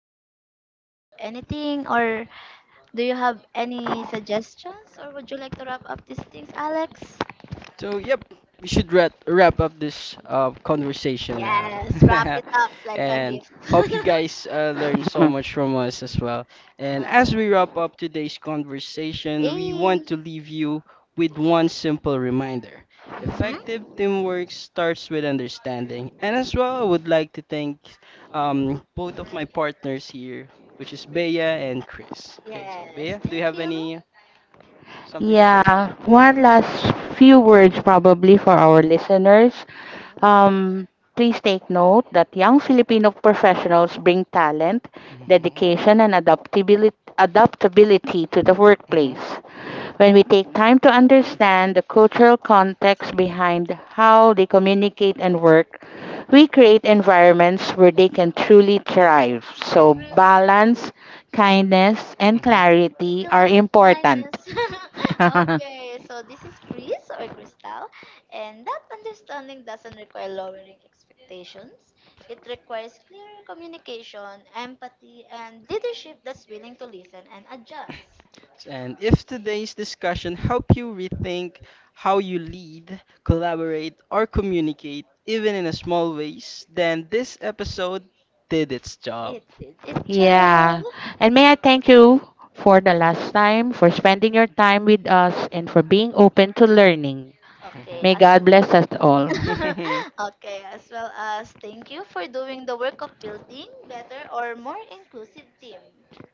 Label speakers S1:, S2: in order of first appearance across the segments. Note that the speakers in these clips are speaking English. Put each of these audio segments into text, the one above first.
S1: do you have anything or do you have any suggestions or would you like to wrap up these things, Alex?
S2: So, yep, we should wrap up this conversation now.
S1: Yes, wrap it up like a
S2: And
S1: gift.
S2: hope you guys learned so much from us as well. And
S1: Uh,
S2: as we wrap up today's conversation, we want to
S1: eh,
S2: leave you with one simple reminder.
S1: mhm.
S2: Effective teamwork starts with understanding. And as well, I would like to thank um, both of my partners here, which is Bea and Chris. Okay, so Bea,
S1: Yes,
S2: do you
S1: thank
S2: have any
S1: you.
S2: something to say?
S3: Yeah, one last few words probably for our listeners.
S1: Yes.
S3: Um, Please take note that young Filipino professionals bring talent,
S2: Mhm,
S3: dedication, and adaptability, adaptability to the workplace.
S2: mhm,
S3: When we take time to understand the cultural context behind how they communicate and work, we create
S1: Mhm.
S3: environments where they can truly thrive.
S1: I
S3: So,
S1: agree with you.
S3: balance, kindness, and
S2: mhm.
S3: clarity
S1: Kill
S3: are
S1: him with
S3: important.
S1: kindness. Okay, so this is Chris or Crystal, and that understanding doesn't require lowering expectations. It requires clear communication, empathy, and leadership that's willing to listen and adjust.
S2: And if today's discussion help you rethink how you lead, collaborate, or communicate, even in a small ways, then this episode did its job.
S1: It did it, child.
S3: Yeah. And may I thank you for the last time, for spending your time with us, and for being open to learning.
S1: Okay,
S3: May
S1: as
S3: God bless us all.
S1: okay, as well as thank you for doing the work of building better or more inclusive team.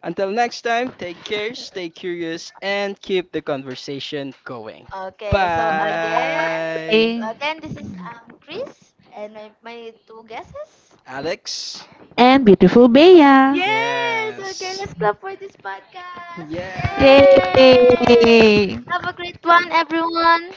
S2: Until next time, take care, stay curious, and keep the conversation going.
S1: Okay, so again,
S2: Bye,
S3: Bye.
S1: this is Chris and my two guesses.
S2: Alex.
S3: And beautiful Bea.
S1: Yes,
S2: Yes.
S1: okay, let's clap for this podcast.
S2: Yeah.
S1: Yay!
S3: Yay!
S1: Have a great one, everyone.